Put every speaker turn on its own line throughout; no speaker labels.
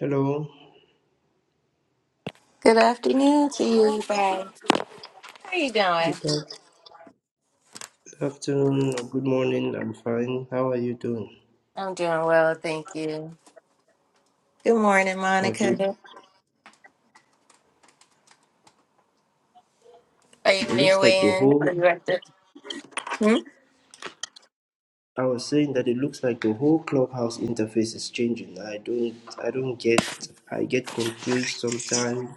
Hello,
Good afternoon to you, you guys. How you doing?
good af- afternoon or good morning. I'm fine. How are you doing?
I'm doing well, thank you. Good morning,
Okay.
Monica. Are you
It
on your
looks like the
way in?
whole.
Are you at the? Hmm?
I was saying that it looks like the whole clubhouse interface is changing. I don't. I don't get. I get confused sometimes.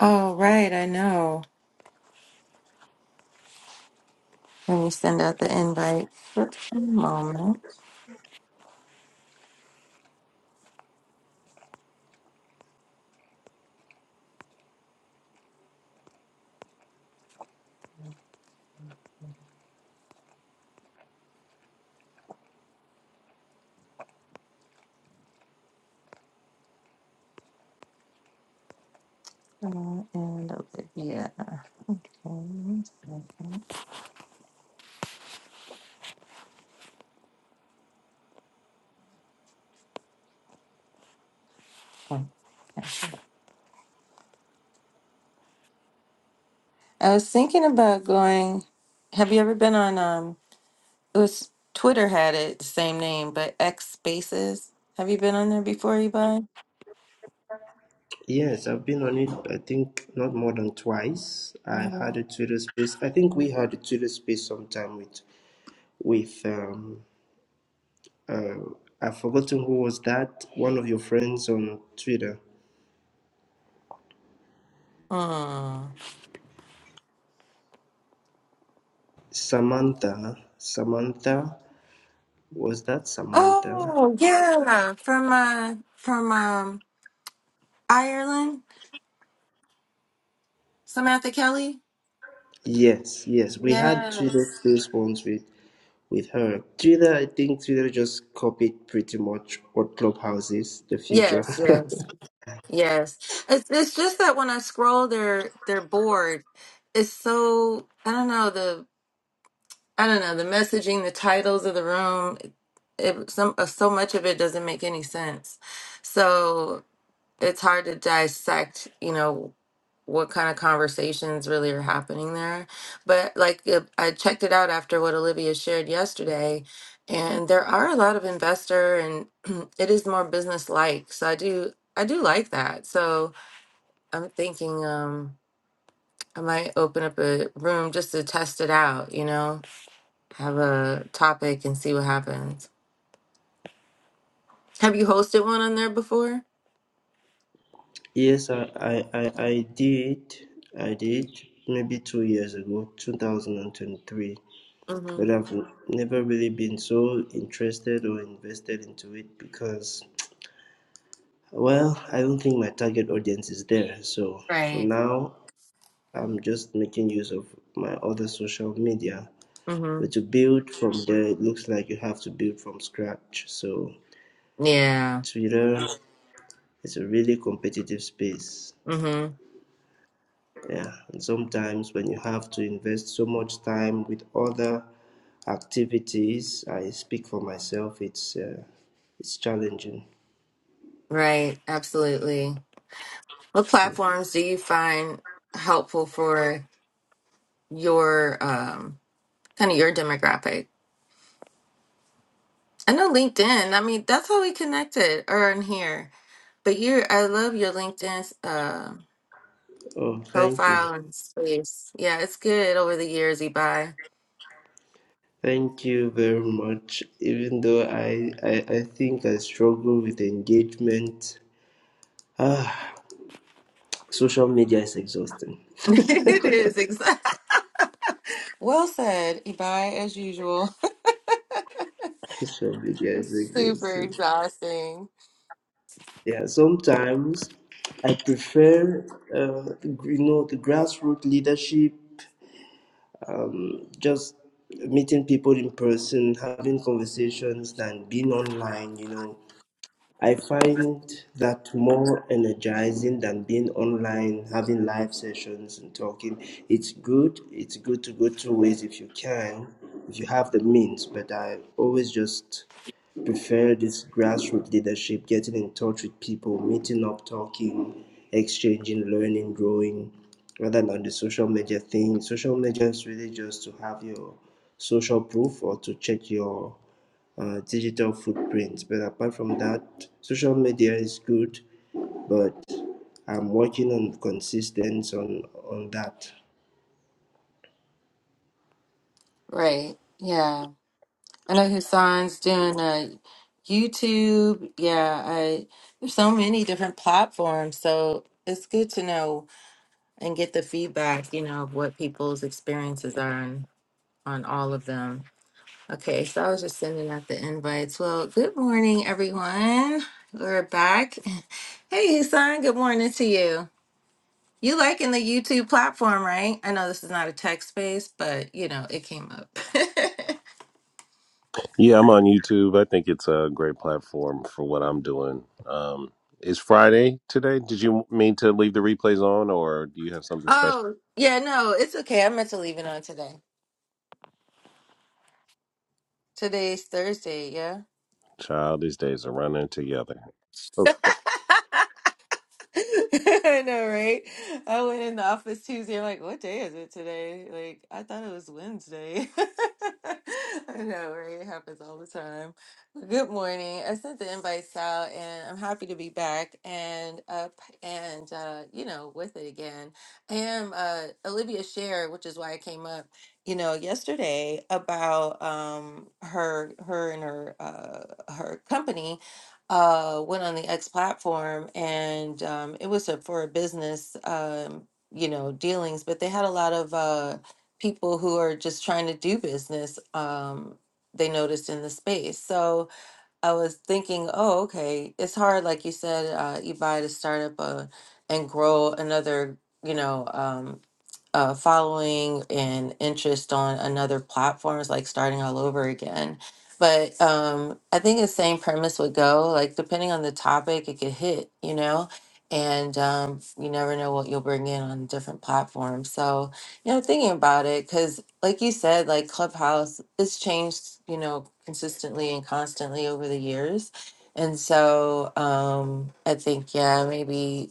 Oh, right, I know. Let me send out the invite. Oops, one moment. Uh, And Olivia. Okay. one second. Okay. I was thinking about going. Have you ever been on? Um, it was Twitter had it the same name, but X Spaces. Have you been on there before, Ebon?
Yes, I've been on it. I think not more than twice. I
Uh
had a Twitter space. I think we had a Twitter space sometime with with um uh. I've forgotten who was that. One of your friends on Twitter,
huh.
Samantha. Samantha. Was that Samantha?
Oh yeah, from uh from um Ireland, Samantha Kelly.
Yes, yes. We had Twitter
Yes,
space once with, with her. Twitter, I think Twitter just copied pretty much what Clubhouse is, the future.
yes, yes, yes. It's it's just that when I scroll their their board, it's so I don't know the I don't know the messaging, the titles of the room. It, some uh, so much of it doesn't make any sense, so it's hard to dissect. You know what kind of conversations really are happening there. But like uh, I checked it out after what Olivia shared yesterday, and there are a lot of investor and it is more business like. So I do I do like that. So I'm thinking um I might open up a room just to test it out, you know, have a topic and see what happens. Have you hosted one on there before?
yes, I, I, I, I did. I did maybe two years ago, 2023.
Mhm.
But I've never really been so interested or invested into it because, well, I don't think my target audience is there. So for
Right.
now, I'm just making use of my other social media
Mhm.
But to build from there, it looks like you have to build from scratch. So
Yeah.
Twitter is a really competitive space.
Mhm.
Yeah, and sometimes when you have to invest so much time with other activities, I speak for myself. It's uh, it's challenging.
Right. Absolutely. What platforms do you find helpful for your um, kind of your demographic? I know LinkedIn. I mean, that's how we connected or in here. But you, I love your LinkedIn uh,
Oh, thank you.
profile and space. Yeah, it's good over the years, Ibai.
Thank you very much. Even though I, I, I think I struggle with engagement, ah, social media is exhausting.
it is exact. Well said, Ibai, as usual.
social media is
It's super
exhausting.
exhausting.
Yeah, sometimes I prefer, uh, you know, the grassroots leadership, just meeting people in person, having conversations, than being online, you know. I find that more energizing than being online, having live sessions and talking. It's good. It's good to go two ways if you can, if you have the means. But I always just prefer this grassroots leadership, getting in touch with people, meeting up, talking, exchanging, learning, growing, rather than the social media thing. Social media is really just to have your social proof or to check your uh, digital footprints. But apart from that, social media is good, but I'm working on consistency on on that.
Right. Yeah. I know Hassan's doing uh, YouTube. Yeah, I, there's so many different platforms, so it's good to know and get the feedback, you know, of what people's experiences are on, on all of them. Okay, so I was just sending out the invites. Well, good morning, everyone. We're back. Hey, Hassan, good morning to you. You liking the YouTube platform, right? I know this is not a text space, but you know, it came up.
Yeah, I'm on YouTube. I think it's a great platform for what I'm doing. Um, is Friday today? Did you mean to leave the replays on, or do you have something special?
Oh, yeah, no, it's okay. I meant to leave it on today. Today's Thursday, yeah?
Child, these days are running together. Okay.
I know, right? I went in the office Tuesday. I'm like, what day is it today? Like, I thought it was Wednesday. I know, right? It happens all the time. Well, Good morning. I sent the invites out, and I'm happy to be back and up and uh, you know, with it again. I am uh, Olivia Share, which is why I came up. You know, yesterday about um her her and her uh her company uh went on the X platform and um it was a, for a business um you know dealings but they had a lot of uh people who are just trying to do business um they noticed in the space so I was thinking oh okay it's hard like you said uh Ibai to start up a and grow another you know um, uh, following and interest on another platform is like starting all over again. But um, I think the same premise would go like depending on the topic, it could hit, you know, and um, you never know what you'll bring in on different platforms. So you know, thinking about it because, like you said, like Clubhouse, it's changed, you know, consistently and constantly over the years. And so um, I think, yeah, maybe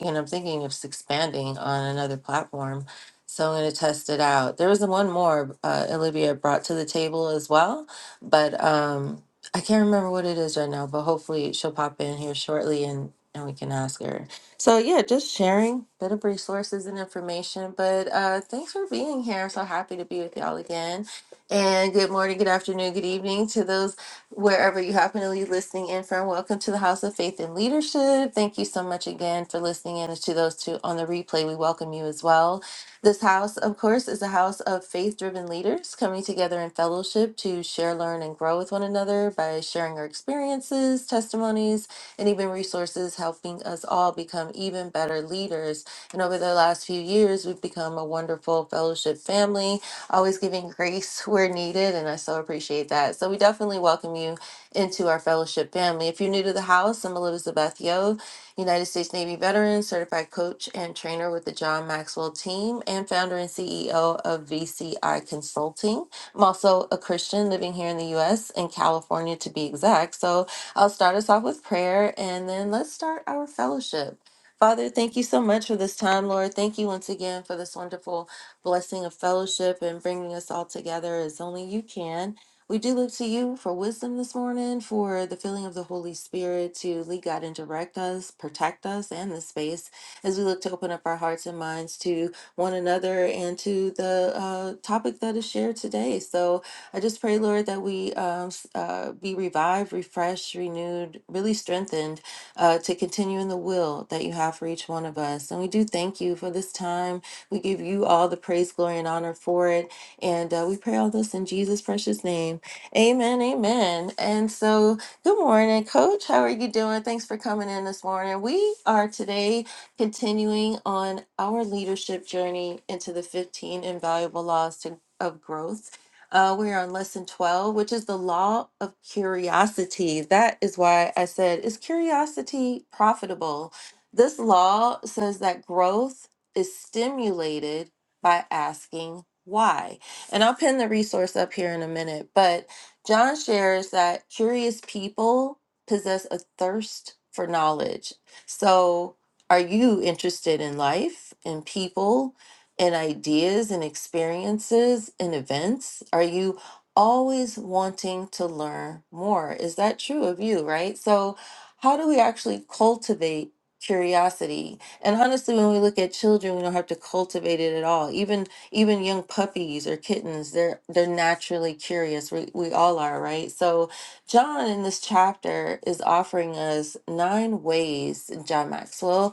and I'm thinking of s- expanding on another platform. So I'm going to test it out. There was one more uh, Olivia brought to the table as well, but um, I can't remember what it is right now. But hopefully she'll pop in here shortly and and we can ask her. So yeah, just sharing bit of resources and information. But uh, thanks for being here. I'm so happy to be with y'all again. And good morning, good afternoon, good evening to those wherever you happen to be listening in from. Welcome to the House of Faith and Leadership. Thank you so much again for listening in. And to those two on the replay, we welcome you as well. This house, of course, is a house of faith driven leaders coming together in fellowship to share, learn, and grow with one another by sharing our experiences, testimonies, and even resources, helping us all become even better leaders. And over the last few years, we've become a wonderful fellowship family always giving grace where needed. And I so appreciate that. So we definitely welcome you into our fellowship family. If you're new to the house, I'm Elizabeth Yo, United States Navy veteran, certified coach and trainer with the John Maxwell team, and founder and CEO of VCI Consulting. I'm also a Christian living here in the US, in California to be exact. So I'll start us off with prayer and then let's start our fellowship. Father, thank you so much for this time, Lord. Thank you once again for this wonderful blessing of fellowship and bringing us all together as only you can. We do look to you for wisdom this morning, for the filling of the Holy Spirit to lead, God and direct us, protect us, and the space as we look to open up our hearts and minds to one another and to the uh, topic that is shared today. So I just pray, Lord, that we um, s- uh, be revived, refreshed, renewed, really strengthened uh, to continue in the will that you have for each one of us. And we do thank you for this time we give you all the praise, glory, and honor for it. And uh, we pray all this in Jesus' precious name. Amen. Amen. And so, good morning, Coach. How are you doing? Thanks for coming in this morning. We are today continuing on our leadership journey into the 15 invaluable laws to, of growth. Uh, we are on lesson 12, which is the law of curiosity. That is why I said, is curiosity profitable? This law says that growth is stimulated by asking why. And I'll pin the resource up here in a minute, but John shares that curious people possess a thirst for knowledge. So, are you interested in life, in people, in ideas and experiences, in events? Are you always wanting to learn more? Is that true of you, right? So, how do we actually cultivate curiosity and honestly, when we look at children, we don't have to cultivate it at all. Even even young puppies or kittens, they're they're naturally curious. We we all are, right? So John in this chapter is offering us nine ways, John Maxwell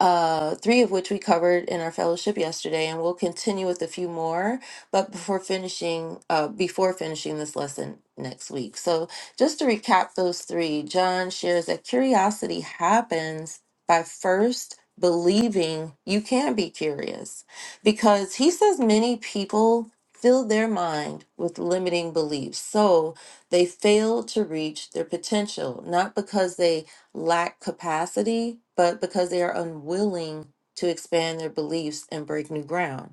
uh, three of which we covered in our fellowship yesterday, and we'll continue with a few more. But before finishing, uh, before finishing this lesson next week, so just to recap those three, John shares that curiosity happens by first believing you can be curious, because he says many people fill their mind with limiting beliefs, so they fail to reach their potential, not because they lack capacity, but because they are unwilling to expand their beliefs and break new ground.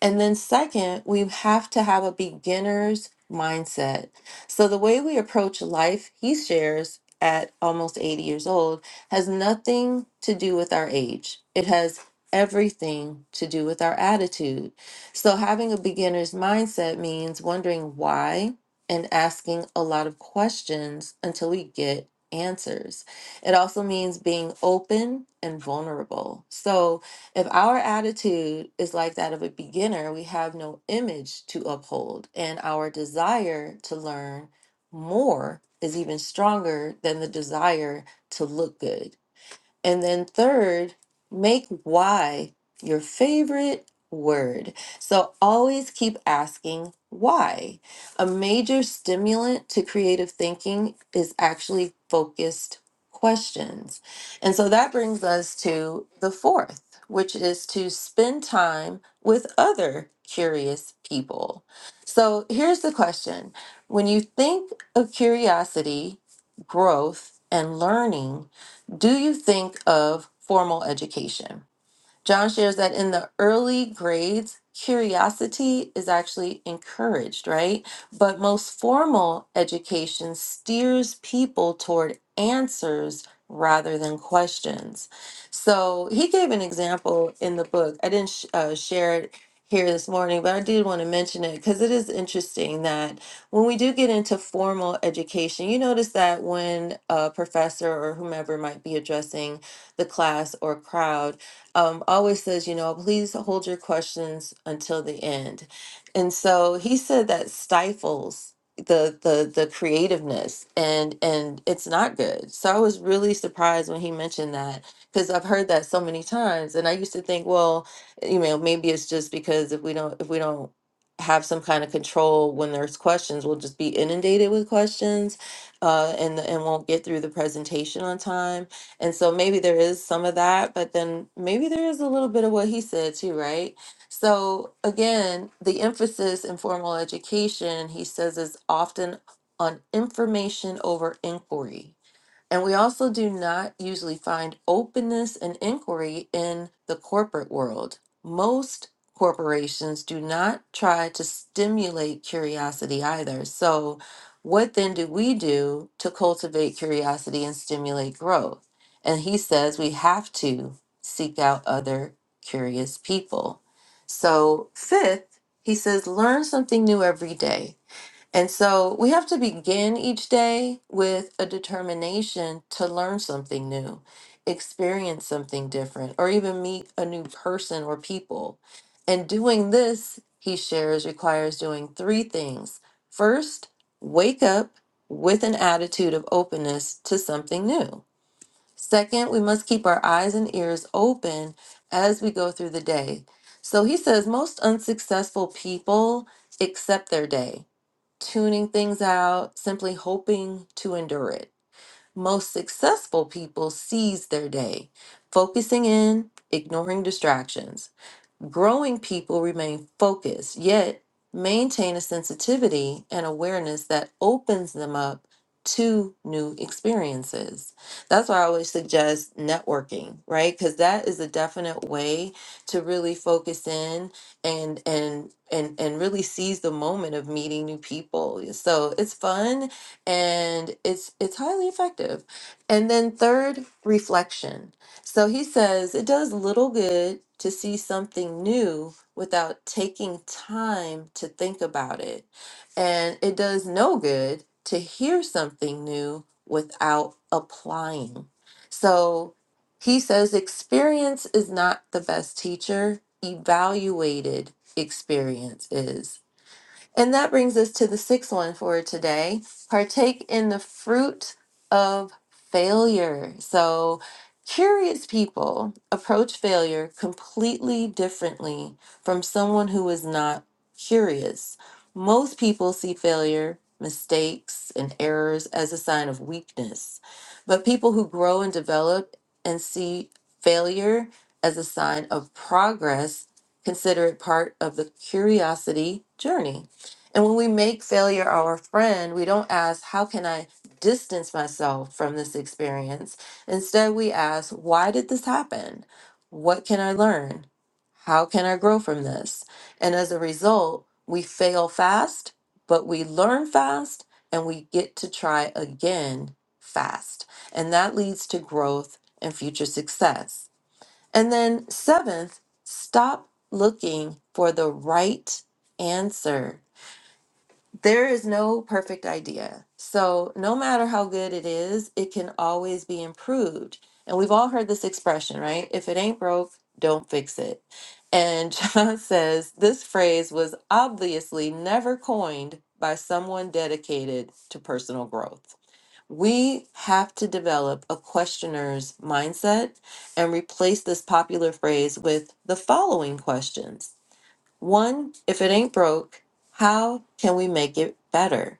And then, second, we have to have a beginner's mindset. So, the way we approach life, he shares at almost 80 years old, has nothing to do with our age. It has everything to do with our attitude. So, having a beginner's mindset means wondering why and asking a lot of questions until we get answers. It also means being open and vulnerable. So, if our attitude is like that of a beginner, we have no image to uphold, and our desire to learn more is even stronger than the desire to look good. And then third, make why your favorite word. So always keep asking why. A major stimulant to creative thinking is actually focused questions. And so that brings us to the fourth, which is to spend time with other curious people. So here's the question. When you think of curiosity, growth, and learning, do you think of formal education? John shares that in the early grades, curiosity is actually encouraged, right? But most formal education steers people toward answers rather than questions. So he gave an example in the book. I didn't sh- uh, share it here this morning, but I did want to mention it because it is interesting that when we do get into formal education, you notice that when a professor or whomever might be addressing the class or crowd, um, always says, you know, please hold your questions until the end. And so he said that stifles the the the creativeness and and it's not good. So I was really surprised when he mentioned that because I've heard that so many times and I used to think, well, you know, maybe it's just because if we don't if we don't have some kind of control when there's questions, we'll just be inundated with questions uh and and won't get through the presentation on time and so maybe there is some of that, but then maybe there is a little bit of what he said too, right? So again, the emphasis in formal education, he says, is often on information over inquiry and we also do not usually find openness and inquiry in the corporate world. Most corporations do not try to stimulate curiosity either. So, what then do we do to cultivate curiosity and stimulate growth? And he says we have to seek out other curious people. So, fifth, he says learn something new every day. And so we have to begin each day with a determination to learn something new, experience something different, or even meet a new person or people. And doing this, he shares, requires doing three things. First, wake up with an attitude of openness to something new. Second, we must keep our eyes and ears open as we go through the day. So he says most unsuccessful people accept their day tuning things out, simply hoping to endure it. Most successful people seize their day, focusing in, ignoring distractions. Growing people remain focused, yet maintain a sensitivity and awareness that opens them up to new experiences. That's why I always suggest networking, right? Because that is a definite way to really focus in and and and and really seize the moment of meeting new people. So it's fun and it's it's highly effective. And then third, reflection so he says it does little good to see something new without taking time to think about it. And it does no good to hear something new without applying. So he says experience is not the best teacher, evaluated experience is. And that brings us to the sixth one for today. Partake in the fruit of failure. So, curious people approach failure completely differently from someone who is not curious. Most people see failure, mistakes, and errors as a sign of weakness. But people who grow and develop and see failure as a sign of progress consider it part of the curiosity journey. And when we make failure our friend, we don't ask, how can I distance myself from this experience? Instead, we ask, why did this happen? What can I learn? How can I grow from this? And as a result, we fail fast, but we learn fast and we get to try again fast. And that leads to growth and future success. And then, seventh, stop looking for the right answer there is no perfect idea. So, no matter how good it is, it can always be improved. And we've all heard this expression, right? If it ain't broke, don't fix it. And John says this phrase was obviously never coined by someone dedicated to personal growth. We have to develop a questioner's mindset and replace this popular phrase with the following questions one, if it ain't broke, how can we make it better?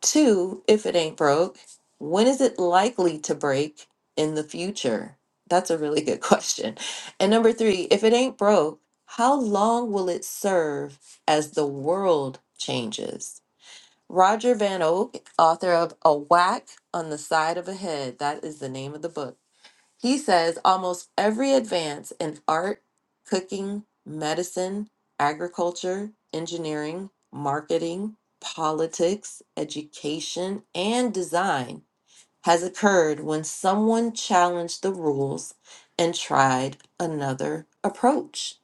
Two, if it ain't broke, when is it likely to break in the future? That's a really good question. And number three, if it ain't broke, how long will it serve as the world changes? Roger Van Oak, author of A Whack on the Side of a Head, that is the name of the book he says almost every advance in art, cooking, medicine, agriculture, engineering, marketing, politics, education, and design has occurred when someone challenged the rules and tried another approach.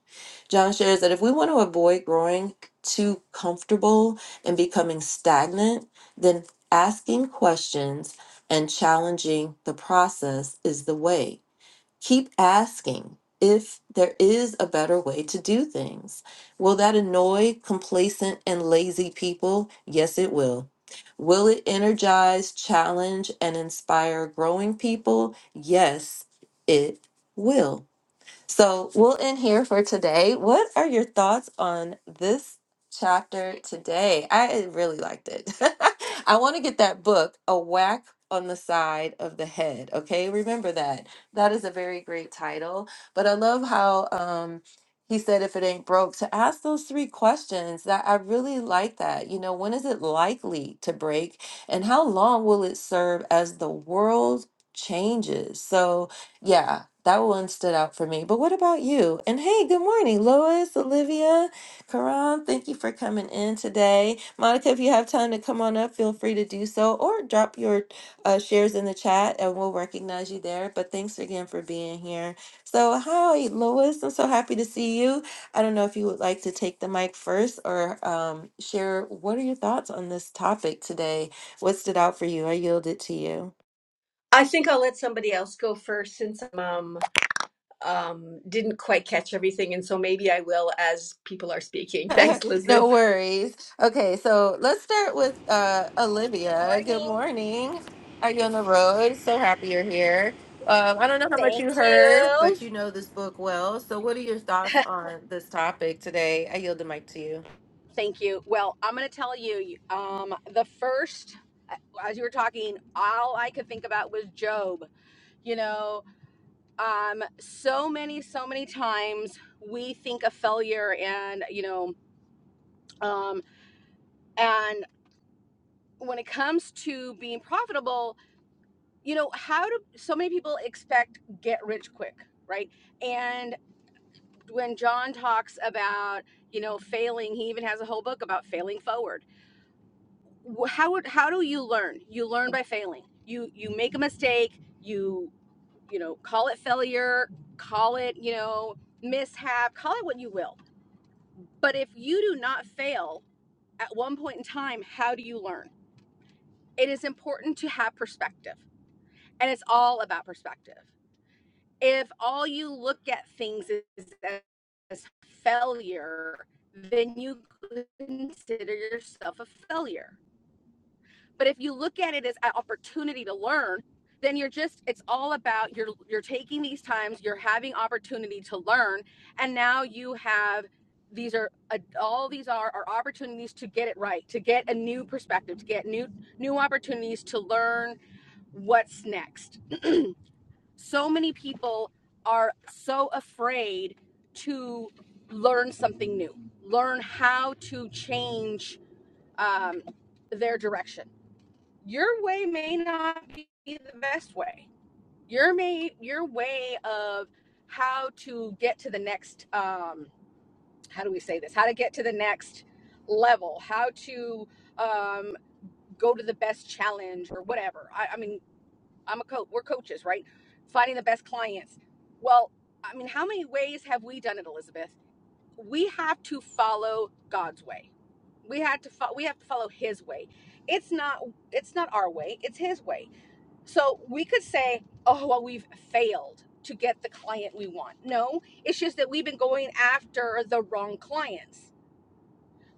John shares that if we want to avoid growing too comfortable and becoming stagnant, then asking questions and challenging the process is the way keep asking if there is a better way to do things. Will that annoy complacent and lazy people? Yes, it will. Will it energize, challenge, and inspire growing people? Yes, it will. So we'll end here for today. What are your thoughts on this chapter today? I really liked it. I want to get that book, A Whack on the Side of the Head. Okay, remember that. That is a very great title. But I love how um, he said, if it ain't broke, to ask those three questions that I really like that. You know, when is it likely to break? And how long will it serve as the world changes? So, yeah, that one stood out for me. But what about you? And hey, good morning, Lois, Olivia, Karan. Thank you for coming in today. Monica, if you have time to come on up, feel free to do so or drop your uh, shares in the chat and we'll recognize you there. But thanks again for being here. So, hi, Lois. I'm so happy to see you. I don't know if you would like to take the mic first or um, share what are your thoughts on this topic today? What stood out for you? I yield it to you.
I think I'll let somebody else go first since I um, um, didn't quite catch everything. And so maybe I will as people are speaking. Thanks,
No
Elizabeth.
worries. Okay, so let's start with uh, Olivia. Good
Morning.
morning. Are you on the road? So happy you're here. Um, I don't know how much
Thank
you heard, but
you.
you know this book well. So, what are your thoughts on this topic today? I yield the mic to you.
Thank you. Well, I'm going to tell you um the first uh, as you were talking, all I could think about was Job. You know, um so many so many times we think of failure and, you know, um and when it comes to being profitable, you know, how do so many people expect get rich quick, right? And when John talks about, you know, failing, he even has a whole book about failing forward how how do you learn? You learn by failing. You you make a mistake. You you know call it failure, call it you know mishap, call it what you will. But if you do not fail at one point in time, how do you learn? It is important to have perspective, and it's all about perspective. If all you look at things is as failure, then you consider yourself a failure But if you look at it as an opportunity to learn, then you're just it's all about you're you're taking these times, you're having opportunity to learn, and now you have these are uh, all these are are opportunities to get it right, to get a new perspective, to get new new opportunities to learn what's next. So many people are so afraid to learn something new, learn how to change um, their direction your way may not be the best way. Your may your way of how to get to the next um how do we say this? How to get to the next level, how to um go to the best challenge or whatever. I, I mean, I'm a coach, we're coaches, right? Finding the best clients. Well, I mean, how many ways have we done it, Elizabeth? We have to follow God's way. We have to fo- we have to follow his way. It's not it's not our way, it's his way so we could say, oh, well, we've failed to get the client we want. No, it's just that we've been going after the wrong clients.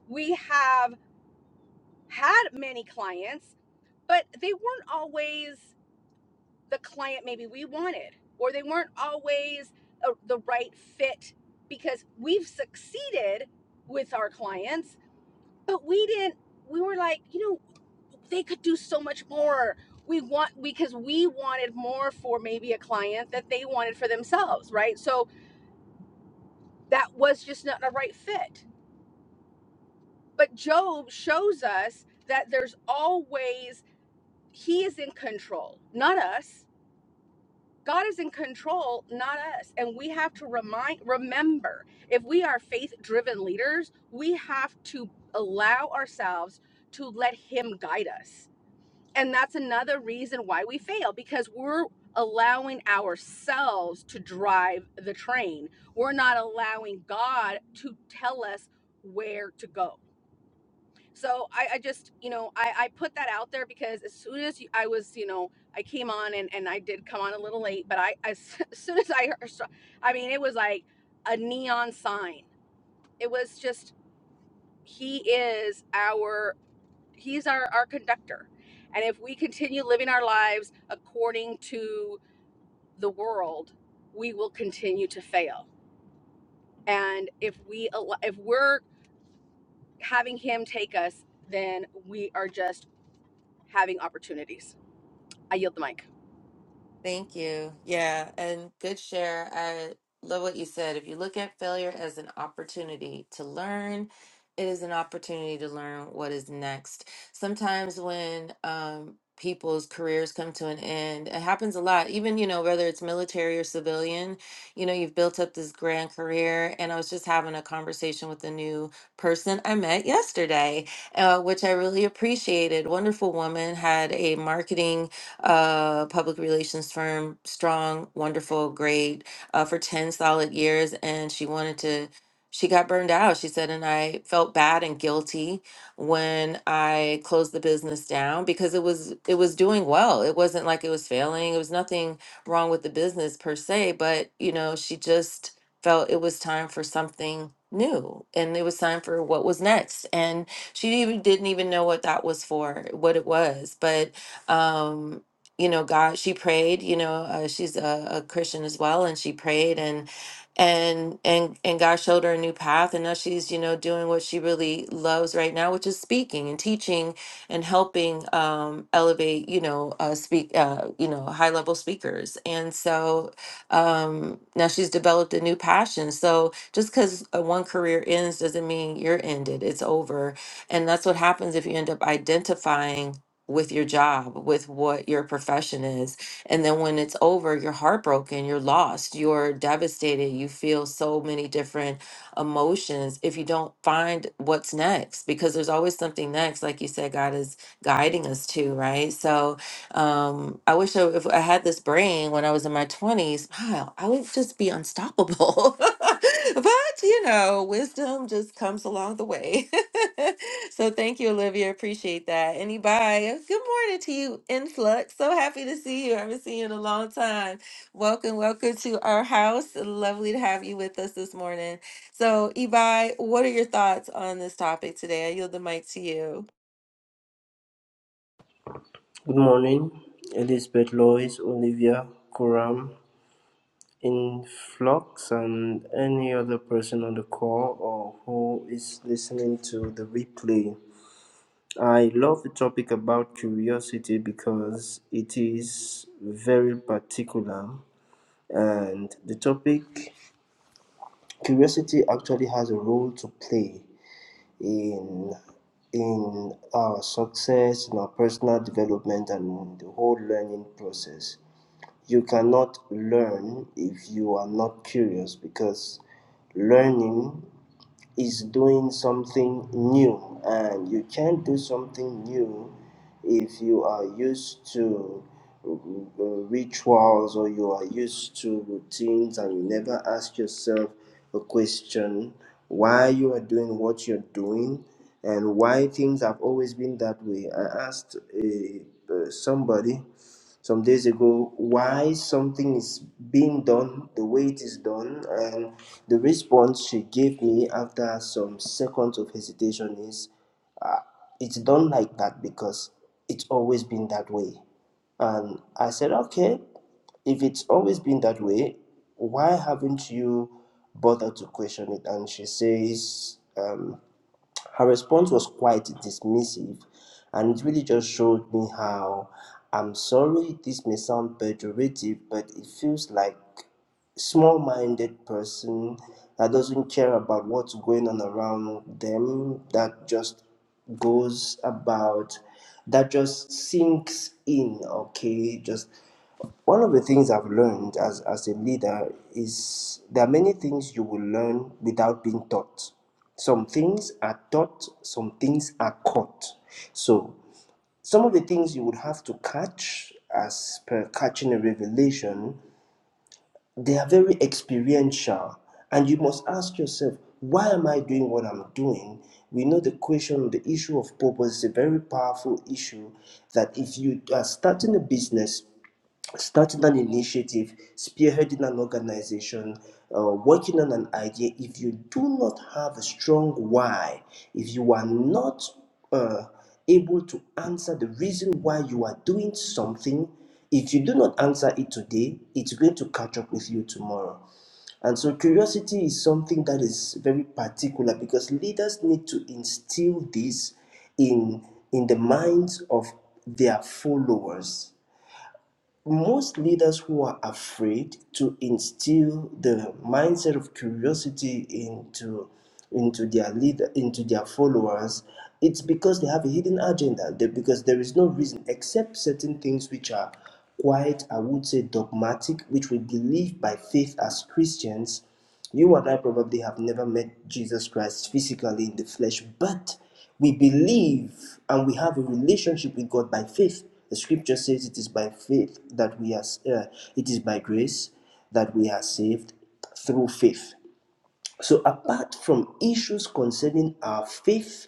We have had many clients, but they weren't always the client maybe we wanted, or they weren't always a, the right fit because we've succeeded with our clients, but we didn't, we were like, you know they could do so much more we want because we wanted more for maybe a client that they wanted for themselves right so that was just not the right fit but job shows us that there's always he is in control not us god is in control not us and we have to remind remember if we are faith driven leaders we have to allow ourselves to let him guide us And that's another reason why we fail because we're allowing ourselves to drive the train. We're not allowing God to tell us where to go. So I, I just, you know, I, I put that out there because as soon as you- I was, you know, I came on and, and I did come on a little late, but I, as, as soon as I heard, I mean, it was like a neon sign. It was just, he is our he's our our conductor and if we continue living our lives according to the world we will continue to fail and if we if we're having him take us then we are just having opportunities i yield the mic
Thank you. Yeah, and good share. I love what you said. If you look at failure as an opportunity to learn, it is an opportunity to learn what is next. Sometimes when um, people's careers come to an end, it happens a lot. Even you know whether it's military or civilian, you know you've built up this grand career. And I was just having a conversation with a new person I met yesterday, uh, which I really appreciated. Wonderful woman had a marketing uh, public relations firm, strong, wonderful, great, uh, for 10 solid years. And she wanted to, she got burned out, she said. And I felt bad and guilty when I closed the business down because it was, it was doing well. It wasn't like it was failing. It was nothing wrong with the business per se, but, you know, she just felt it was time for something new and it was time for what was next. And she even didn't even know what that was for, what it was. But, um you know god she prayed you know uh, she's a, a christian as well and she prayed and and and and god showed her a new path and now she's you know doing what she really loves right now which is speaking and teaching and helping um elevate you know uh speak uh you know high level speakers and so um now she's developed a new passion so just because one career ends doesn't mean you're ended it's over and that's what happens if you end up identifying with your job, with what your profession is. And then when it's over, you're heartbroken, you're lost, you're devastated, you feel so many different emotions if you don't find what's next, because there's always something next, like you said, God is guiding us to, right? So um, I wish I, if I had this brain when I was in my 20s, wow, I would just be unstoppable. but, you know, wisdom just comes along the way. So thank you, Olivia. Appreciate that. And Ibaya, good morning to you, Influx. So happy to see you. I haven't seen you in a long time. Welcome, welcome to our house. Lovely to have you with us this morning. So, Ibai, what are your thoughts on this topic today? I yield the mic to you.
Good morning, Elizabeth Lois, Olivia, Kuram, Influx, and any other person on the call or who is listening to the replay. I love the topic about curiosity because it is very particular and the topic curiosity actually has a role to play in in our success, in our personal development, and the whole learning process. You cannot learn if you are not curious because learning is doing something new and you can't do something new if you are used to uh, rituals or you are used to routines and you never ask yourself a question why you are doing what you're doing and why things have always been that way i asked a, uh, somebody some days ago why something is being done the way it is done and the response she gave me after some seconds of hesitation is uh, it's done like that because it's always been that way and i said okay if it's always been that way why haven't you bothered to question it and she says "Um." Her response was quite dismissive, and it really just showed me how I'm sorry this may sound pejorative, but it feels like small-minded person that doesn't care about what's going on around them, that just goes about, that just sinks in, okay, just one of the things I've learned as, as a leader is there are many things you will learn without being taught. Some things are taught, some things are caught. So, some of the things you would have to catch as per catching a revelation, they are very experiential. And you must ask yourself, why am I doing what I'm doing? We know the question, the issue of purpose is a very powerful issue that if you are starting a business, starting an initiative, spearheading an organization, uh, working on an idea, if you do not have a strong why, if you are not uh, able to answer the reason why you are doing something, if you do not answer it today, it's going to catch up with you tomorrow. And so, curiosity is something that is very particular because leaders need to instill this in, in the minds of their followers most leaders who are afraid to instill the mindset of curiosity into into their leader into their followers it's because they have a hidden agenda They- because there is no reason except certain things which are quite i would say dogmatic which we believe by faith as christians you and I probably have never met Jesus Christ physically in the flesh, but we believe and we have a relationship with God by faith. The scripture says it is by faith that we are, uh, it is by grace that we are saved through faith. So, apart from issues concerning our faith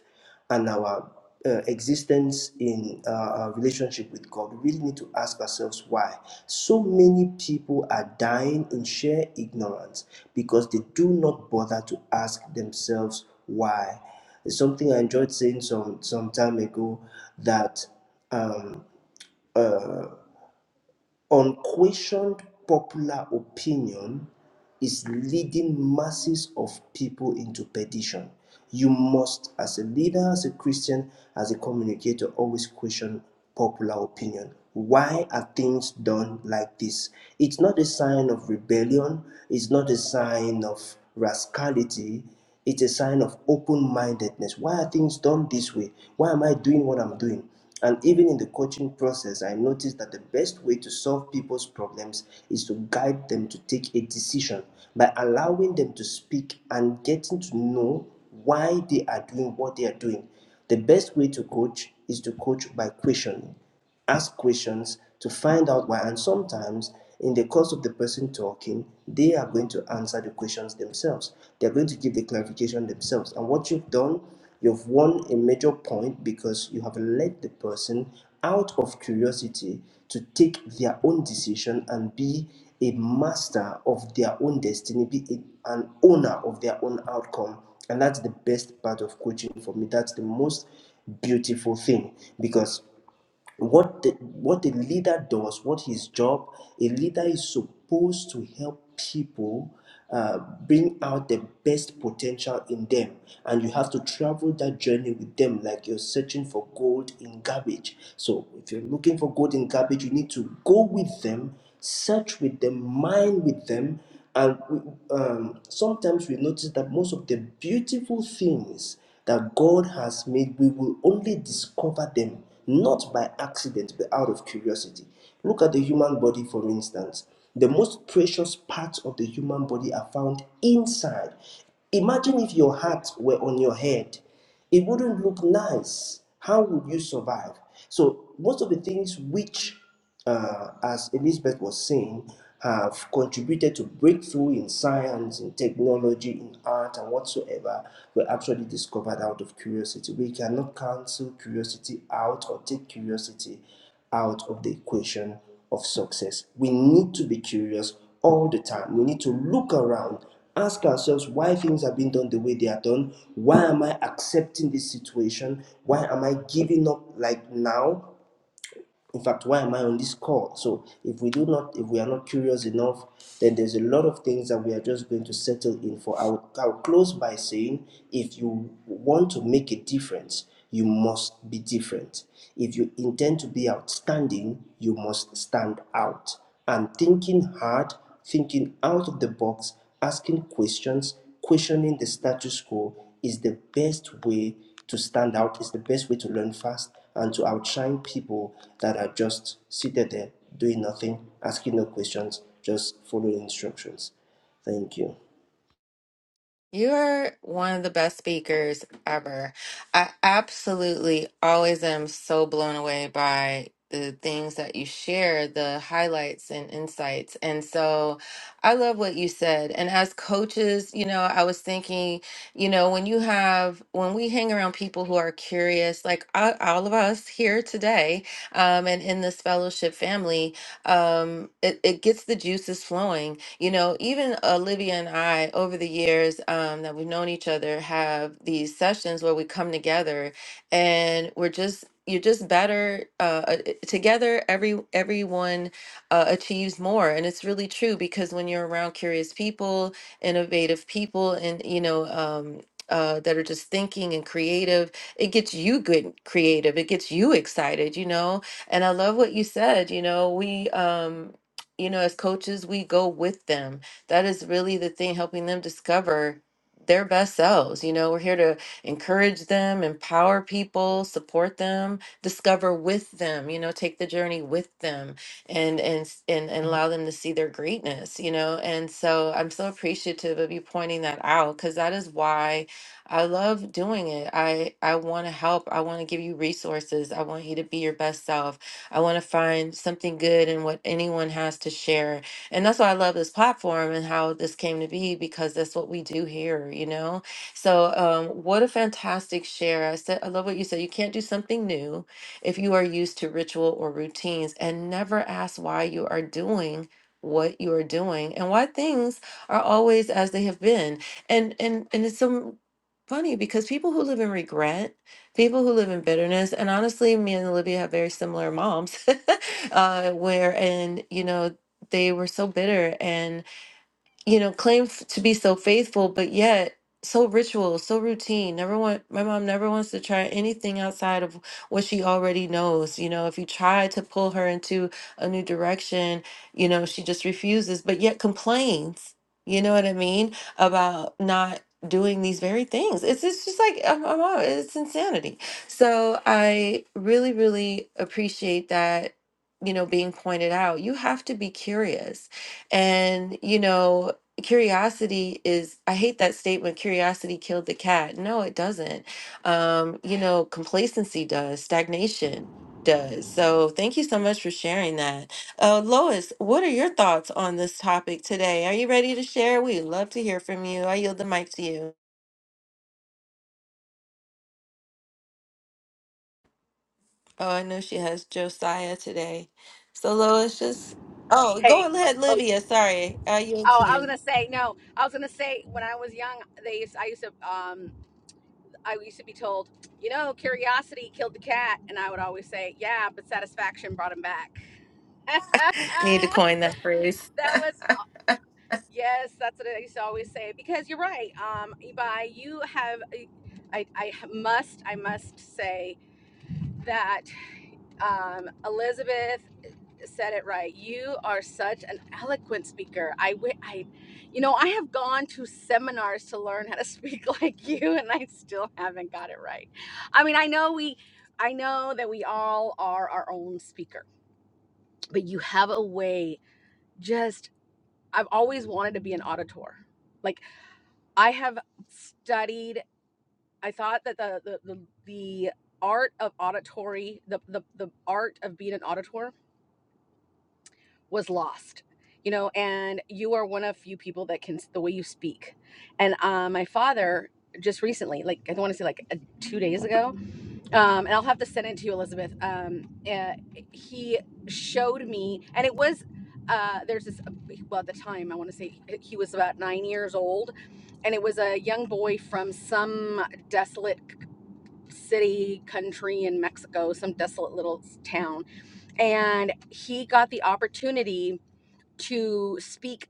and our uh, existence in uh, our relationship with God, we really need to ask ourselves why so many people are dying in sheer ignorance because they do not bother to ask themselves why. It's something I enjoyed saying some some time ago that um, uh, Unquestioned popular opinion is leading masses of people into perdition. You must, as a leader, as a Christian, as a communicator, always question popular opinion. Why are things done like this? It's not a sign of rebellion, it's not a sign of rascality, it's a sign of open mindedness. Why are things done this way? Why am I doing what I'm doing? And even in the coaching process, I noticed that the best way to solve people's problems is to guide them to take a decision by allowing them to speak and getting to know why they are doing what they are doing. The best way to coach is to coach by questioning ask questions to find out why. And sometimes, in the course of the person talking, they are going to answer the questions themselves. They're going to give the clarification themselves. And what you've done, you've won a major point because you have led the person out of curiosity to take their own decision and be a master of their own destiny, be a- an owner of their own outcome. And that's the best part of coaching for me. That's the most beautiful thing because what the, what the leader does, what his job, a leader is supposed to help people uh, bring out the best potential in them. And you have to travel that journey with them like you're searching for gold in garbage. So if you're looking for gold in garbage, you need to go with them, search with them, mine with them, and we, um, sometimes we notice that most of the beautiful things that God has made, we will only discover them not by accident but out of curiosity. Look at the human body, for instance. The most precious parts of the human body are found inside. Imagine if your heart were on your head it wouldn't look nice. How would you survive? So most of the things which uh, as Elizabeth was saying, have contributed to breakthrough in science, in technology, in art, and whatsoever were actually discovered out of curiosity. We cannot cancel curiosity out or take curiosity out of the equation of success. We need to be curious all the time. We need to look around, ask ourselves why things are being done the way they are done. Why am I accepting this situation? Why am I giving up like now? in fact why am i on this call so if we do not if we are not curious enough then there's a lot of things that we are just going to settle in for i'll, I'll close by saying if you want to make a difference you must be different if you intend to be outstanding you must stand out and thinking hard thinking out of the box asking questions questioning the status quo is the best way to stand out is the best way to learn fast and to outshine people that are just seated there doing nothing, asking no questions, just following instructions. Thank you.
You're one of the best speakers ever. I absolutely always am so blown away by the things that you share, the highlights and insights. And so I love what you said. And as coaches, you know, I was thinking, you know, when you have, when we hang around people who are curious, like all, all of us here today um, and in this fellowship family, um, it, it gets the juices flowing. You know, even Olivia and I, over the years um, that we've known each other, have these sessions where we come together and we're just you're just better uh, uh, eh, together. Every everyone uh, achieves more, and it's really true because when you're around curious people, innovative people, and you know. Um, uh, that are just thinking and creative. It gets you good, creative. It gets you excited, you know. And I love what you said. You know, we um, you know, as coaches, we go with them. That is really the thing, helping them discover their best selves. You know, we're here to encourage them, empower people, support them, discover with them, you know, take the journey with them and and s- and, and Mhm. allow them to see their greatness, you know. And so I'm so appreciative of you pointing that out because that is why I love doing it. I I want to help. I want to give you resources. I want you to be your best self. I want to find something good in what anyone has to share. And that's why I love this platform and how this came to be because that's what we do here, you know? So, um, what a fantastic share. I said, I love what you said. You can't do something new if you are used to ritual or routines and never ask why you are doing what you are doing and why things are always as they have been. And and and it's so funny because people who live in regret people who live in bitterness. And honestly, me and Olivia have very similar moms, uh, wherein, you know, they were so bitter and you know, claim f- to be so faithful, but yet so ritual, so routine. Never want my mom never wants to try anything outside of what she already knows. You know, if you try to pull her into a new direction, you know, she just refuses, but yet complains. You know what I mean about not doing these very things. It's it's just like uh, my mom. It's insanity. So I really, really appreciate that. You know, being pointed out, you have to be curious and you know curiosity is i hate that statement curiosity killed the cat no it doesn't um you know complacency does stagnation does so thank you so much for sharing that uh lois what are your thoughts on this topic today are you ready to share we would love to hear from you i yield the mic to you oh i know she has josiah today so lois just oh
hey
go ahead
oh
livia sorry i yield
oh
to
i was
you
gonna say no i was gonna say when i was young they used i used to um i used to be told you know curiosity killed the cat and i would always say yeah but satisfaction brought him back
need to
that
coin that phrase
was Yes, that's what I used to always say. Because you're right, um, Ibai, you have, I, I must, I must say that um, Elizabeth said it right. You are such an eloquent speaker. I, wi- I, you know, I have gone to seminars to learn how to speak like you, and I still haven't got it right. I mean, I know we, I know that we all are our own speaker, but you have a way. Just, I've always wanted to be an auditor like, I have studied. I thought that the the the, the art of auditory, the, the the art of being an auditor, was lost. You know, and you are one of few people that can the way you speak. And uh, my father just recently, like I don't want to say like uh, two days ago, um, and I'll have to send it to you, Elizabeth. Um, uh, he showed me, and it was uh, there's this well at the time I want to say he was about nine years old, and it was a young boy from some desolate city, country in Mexico, some desolate little town, and he got the opportunity to speak.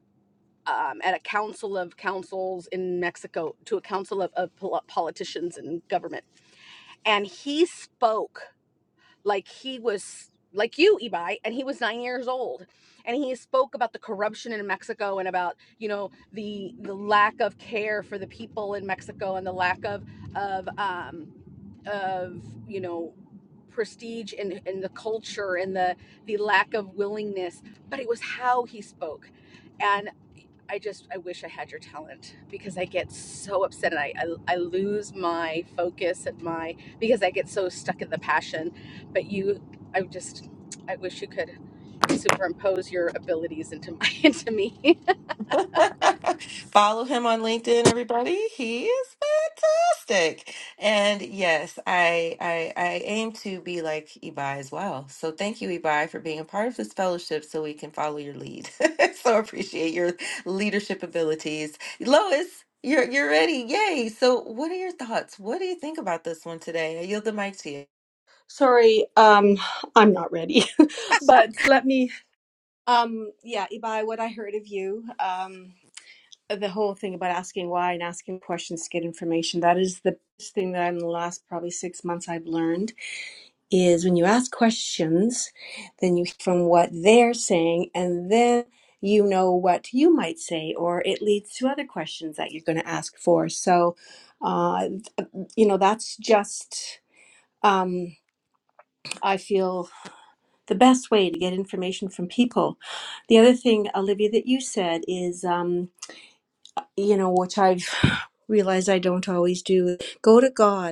Um, at a council of councils in Mexico, to a council of, of pol- politicians and government. And he spoke like he was like you Ibai and he was 9 years old and he spoke about the corruption in Mexico and about you know the the lack of care for the people in Mexico and the lack of of um of you know prestige and and the culture and the the lack of willingness but it was how he spoke and. I just I wish I had your talent because I get so upset and I, I I lose my focus and my because I get so stuck in the passion. But you, I just I wish you could superimpose your abilities into my into me.
Follow him on LinkedIn, everybody. He is fantastic. And yes, I, I I aim to be like Ebi as well. So thank you, Ebi, for being a part of this fellowship so we can follow your lead. so appreciate your leadership abilities. Lois, you're you're ready. Yay. So what are your thoughts? What do you think about this one today? I yield the mic to you.
Sorry, um, I'm not ready. but let me, um, yeah, Ibai, what I heard of you, um, the whole thing about asking why and asking questions to get information, that is the best thing that in the last probably six months I've learned. is when you ask questions, then you hear from what they're saying, and then you know what you might say, or it leads to other questions that you're going to ask for. So, uh, you know, that's just, um, I feel, the best way to get information from people. The other thing, Olivia, that you said is, um, you know, which I've realized I don't always do, go to God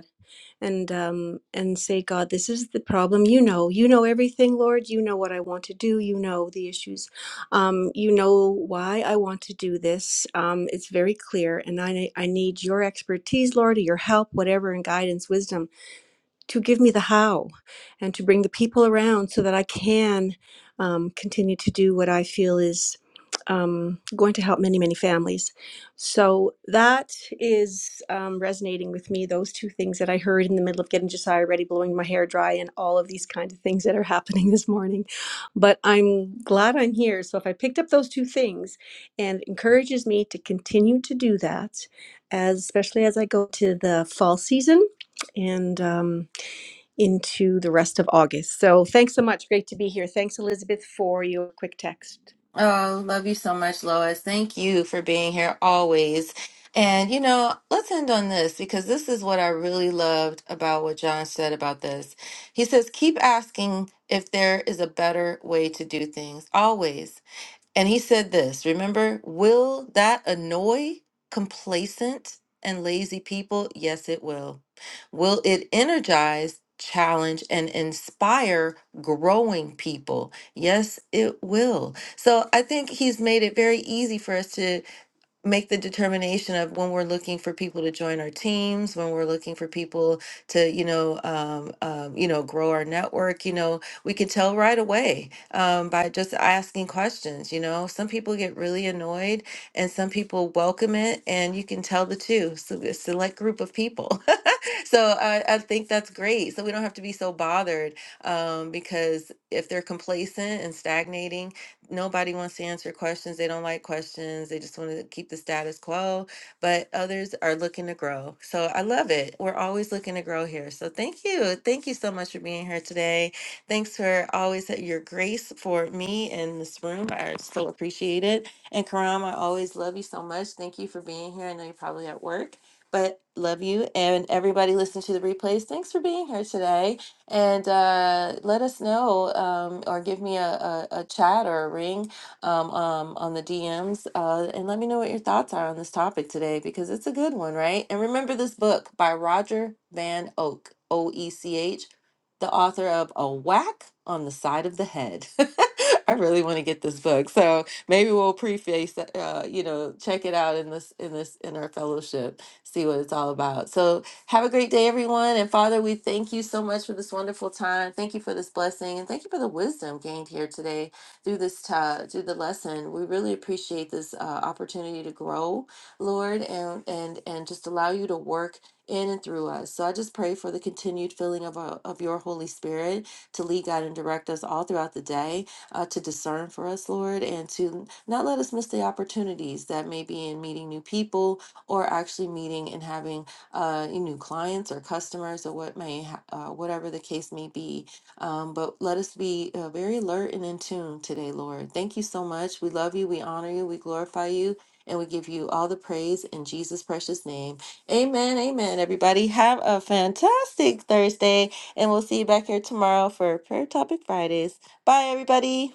and um and say god this is the problem you know you know everything lord you know what i want to do you know the issues um you know why i want to do this um it's very clear and i i need your expertise lord or your help whatever and guidance wisdom to give me the how and to bring the people around so that I can um, continue to do what I feel is um, going to help many, many families. So that is um, resonating with me. Those two things that I heard in the middle of getting Josiah ready, blowing my hair dry, and all of these kind of things that are happening this morning. But I'm glad I'm here. So if I picked up those two things and it encourages me to continue to do that, as especially as I go to the fall season and. Um, into the rest of August. So thanks so much. Great to be here. Thanks, Elizabeth, for your quick text.
Oh, love you so much, Lois. Thank you for being here always. And, you know, let's end on this because this is what I really loved about what John said about this. He says, keep asking if there is a better way to do things, always. And he said this, remember, will that annoy complacent and lazy people? Yes, it will. Will it energize, challenge, and inspire growing people? Yes, it will. So I think he's made it very easy for us to make the determination of when we're looking for people to join our teams, when we're looking for people to, you know, um, um, you know, grow our network. You know, we could tell right away um, by just asking questions. You know, some people get really annoyed, and some people welcome it, and you can tell the two. So a select group of people. so I, I think that's great. So we don't have to be so bothered um, because if they're complacent and stagnating, nobody wants to answer questions. They don't like questions. They just want to keep the status quo. But others are looking to grow. So I love it. We're always looking to grow here. So thank you. Thank you so much for being here today. Thanks for always at your grace for me and this room. I so appreciate it. And Karam, I always love you so much. Thank you for being here. I know you're probably at work. But love you and everybody listening to the replays. Thanks for being here today. And uh, let us know um, or give me a, a, a chat or a ring um, um, on the DMs uh, and let me know what your thoughts are on this topic today because it's a good one, right? And remember this book by Roger Van Oak, O E C H, the author of A Whack on the Side of the Head. I really want to get this book. So maybe we'll preface that, uh, you know, check it out in this, in this, in our fellowship see what it's all about. So have a great day, everyone. And Father, we thank you so much for this wonderful time. Thank you for this blessing, and thank you for the wisdom gained here today through this ti- through the lesson. We really appreciate this uh, opportunity to grow, Lord, and and and just allow you to work in and through us. So I just pray for the continued filling of our, of your Holy Spirit to lead, guide, and direct us all throughout the day uh, to discern for us, Lord, and to not let us miss the opportunities that may be in meeting new people or actually meeting and having uh, new clients or customers or what may ha- uh, whatever the case may be. Um, but let us be uh, very alert and in tune today, Lord. Thank you so much. We love you. We honor you. We glorify you. And we give you all the praise in Jesus' precious name. Amen. Amen. Everybody, have a fantastic Thursday. And we'll see you back here tomorrow for Prayer Topic Fridays. Bye, everybody.